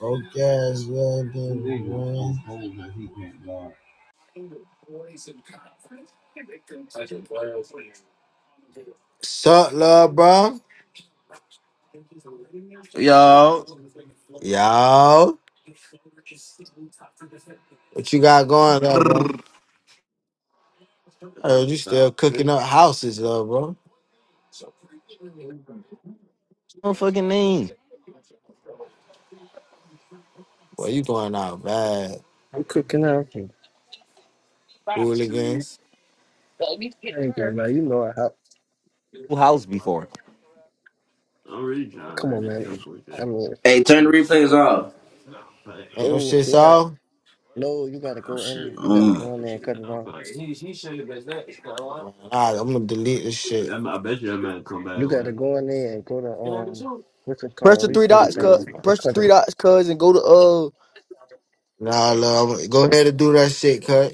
Coke ass, yeah, dude, man. Sup, love, bro? Yo. Yo, what you got going up, bro? No I heard you still cooking up houses, love, bro. fucking name. Well, you going out bad, I'm cooking everything. hooligans. Hey, girl, man. you know I have. Who House before. Come on, man. I mean, Hey, turn the replays off. Ain't no oh shit, snap! so? No, you gotta Oh go in. shit. there. You gotta Mm. go in there and cut it off. Alright, I'm gonna delete this shit. You gotta go in there and go to um, what's it Press called, the three replay dots, thing, cuz. and Press the cut three it. dots, cuz, and go to uh. Nah, love, go ahead and do that shit, cut.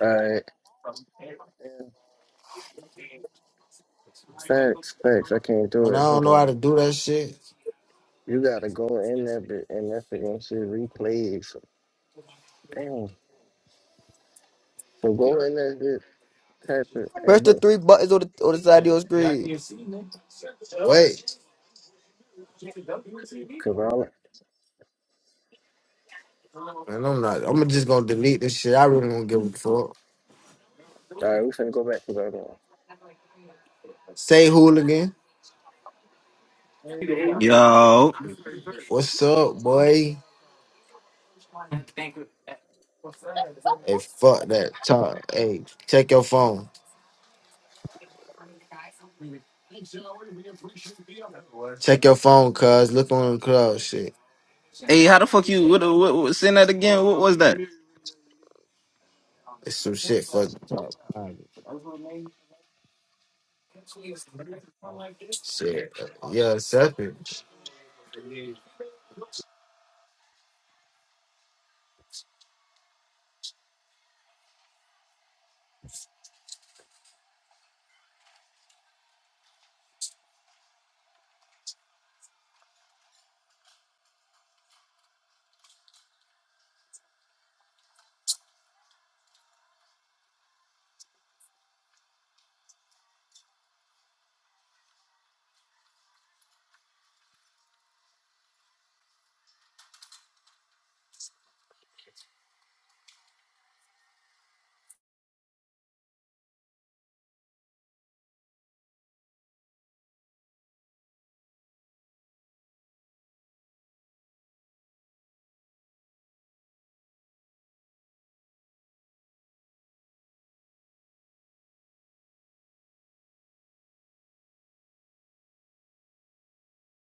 All right. Facts, facts. I can't do And I it. don't Hold know how on. to do that shit. You gotta go in there, bit, and that's the gonna see replays. Damn. So go in there, bit, type it, Press and the look. three buttons on the on the side of your Wait, screen. Cause all. man, I'm not. I'm just gonna delete this shit. I really don't give a fuck. All right, we finna go back to that. one. Say hooligan. Yo. What's up, boy? Hey, fuck that. Talk. Hey, check your phone. Check your phone, cuz. Look on the cloud shit. Hey, how the fuck you? What, what, what, send that again. What was that? It's some shit for the top. Shit. Yeah, Seth.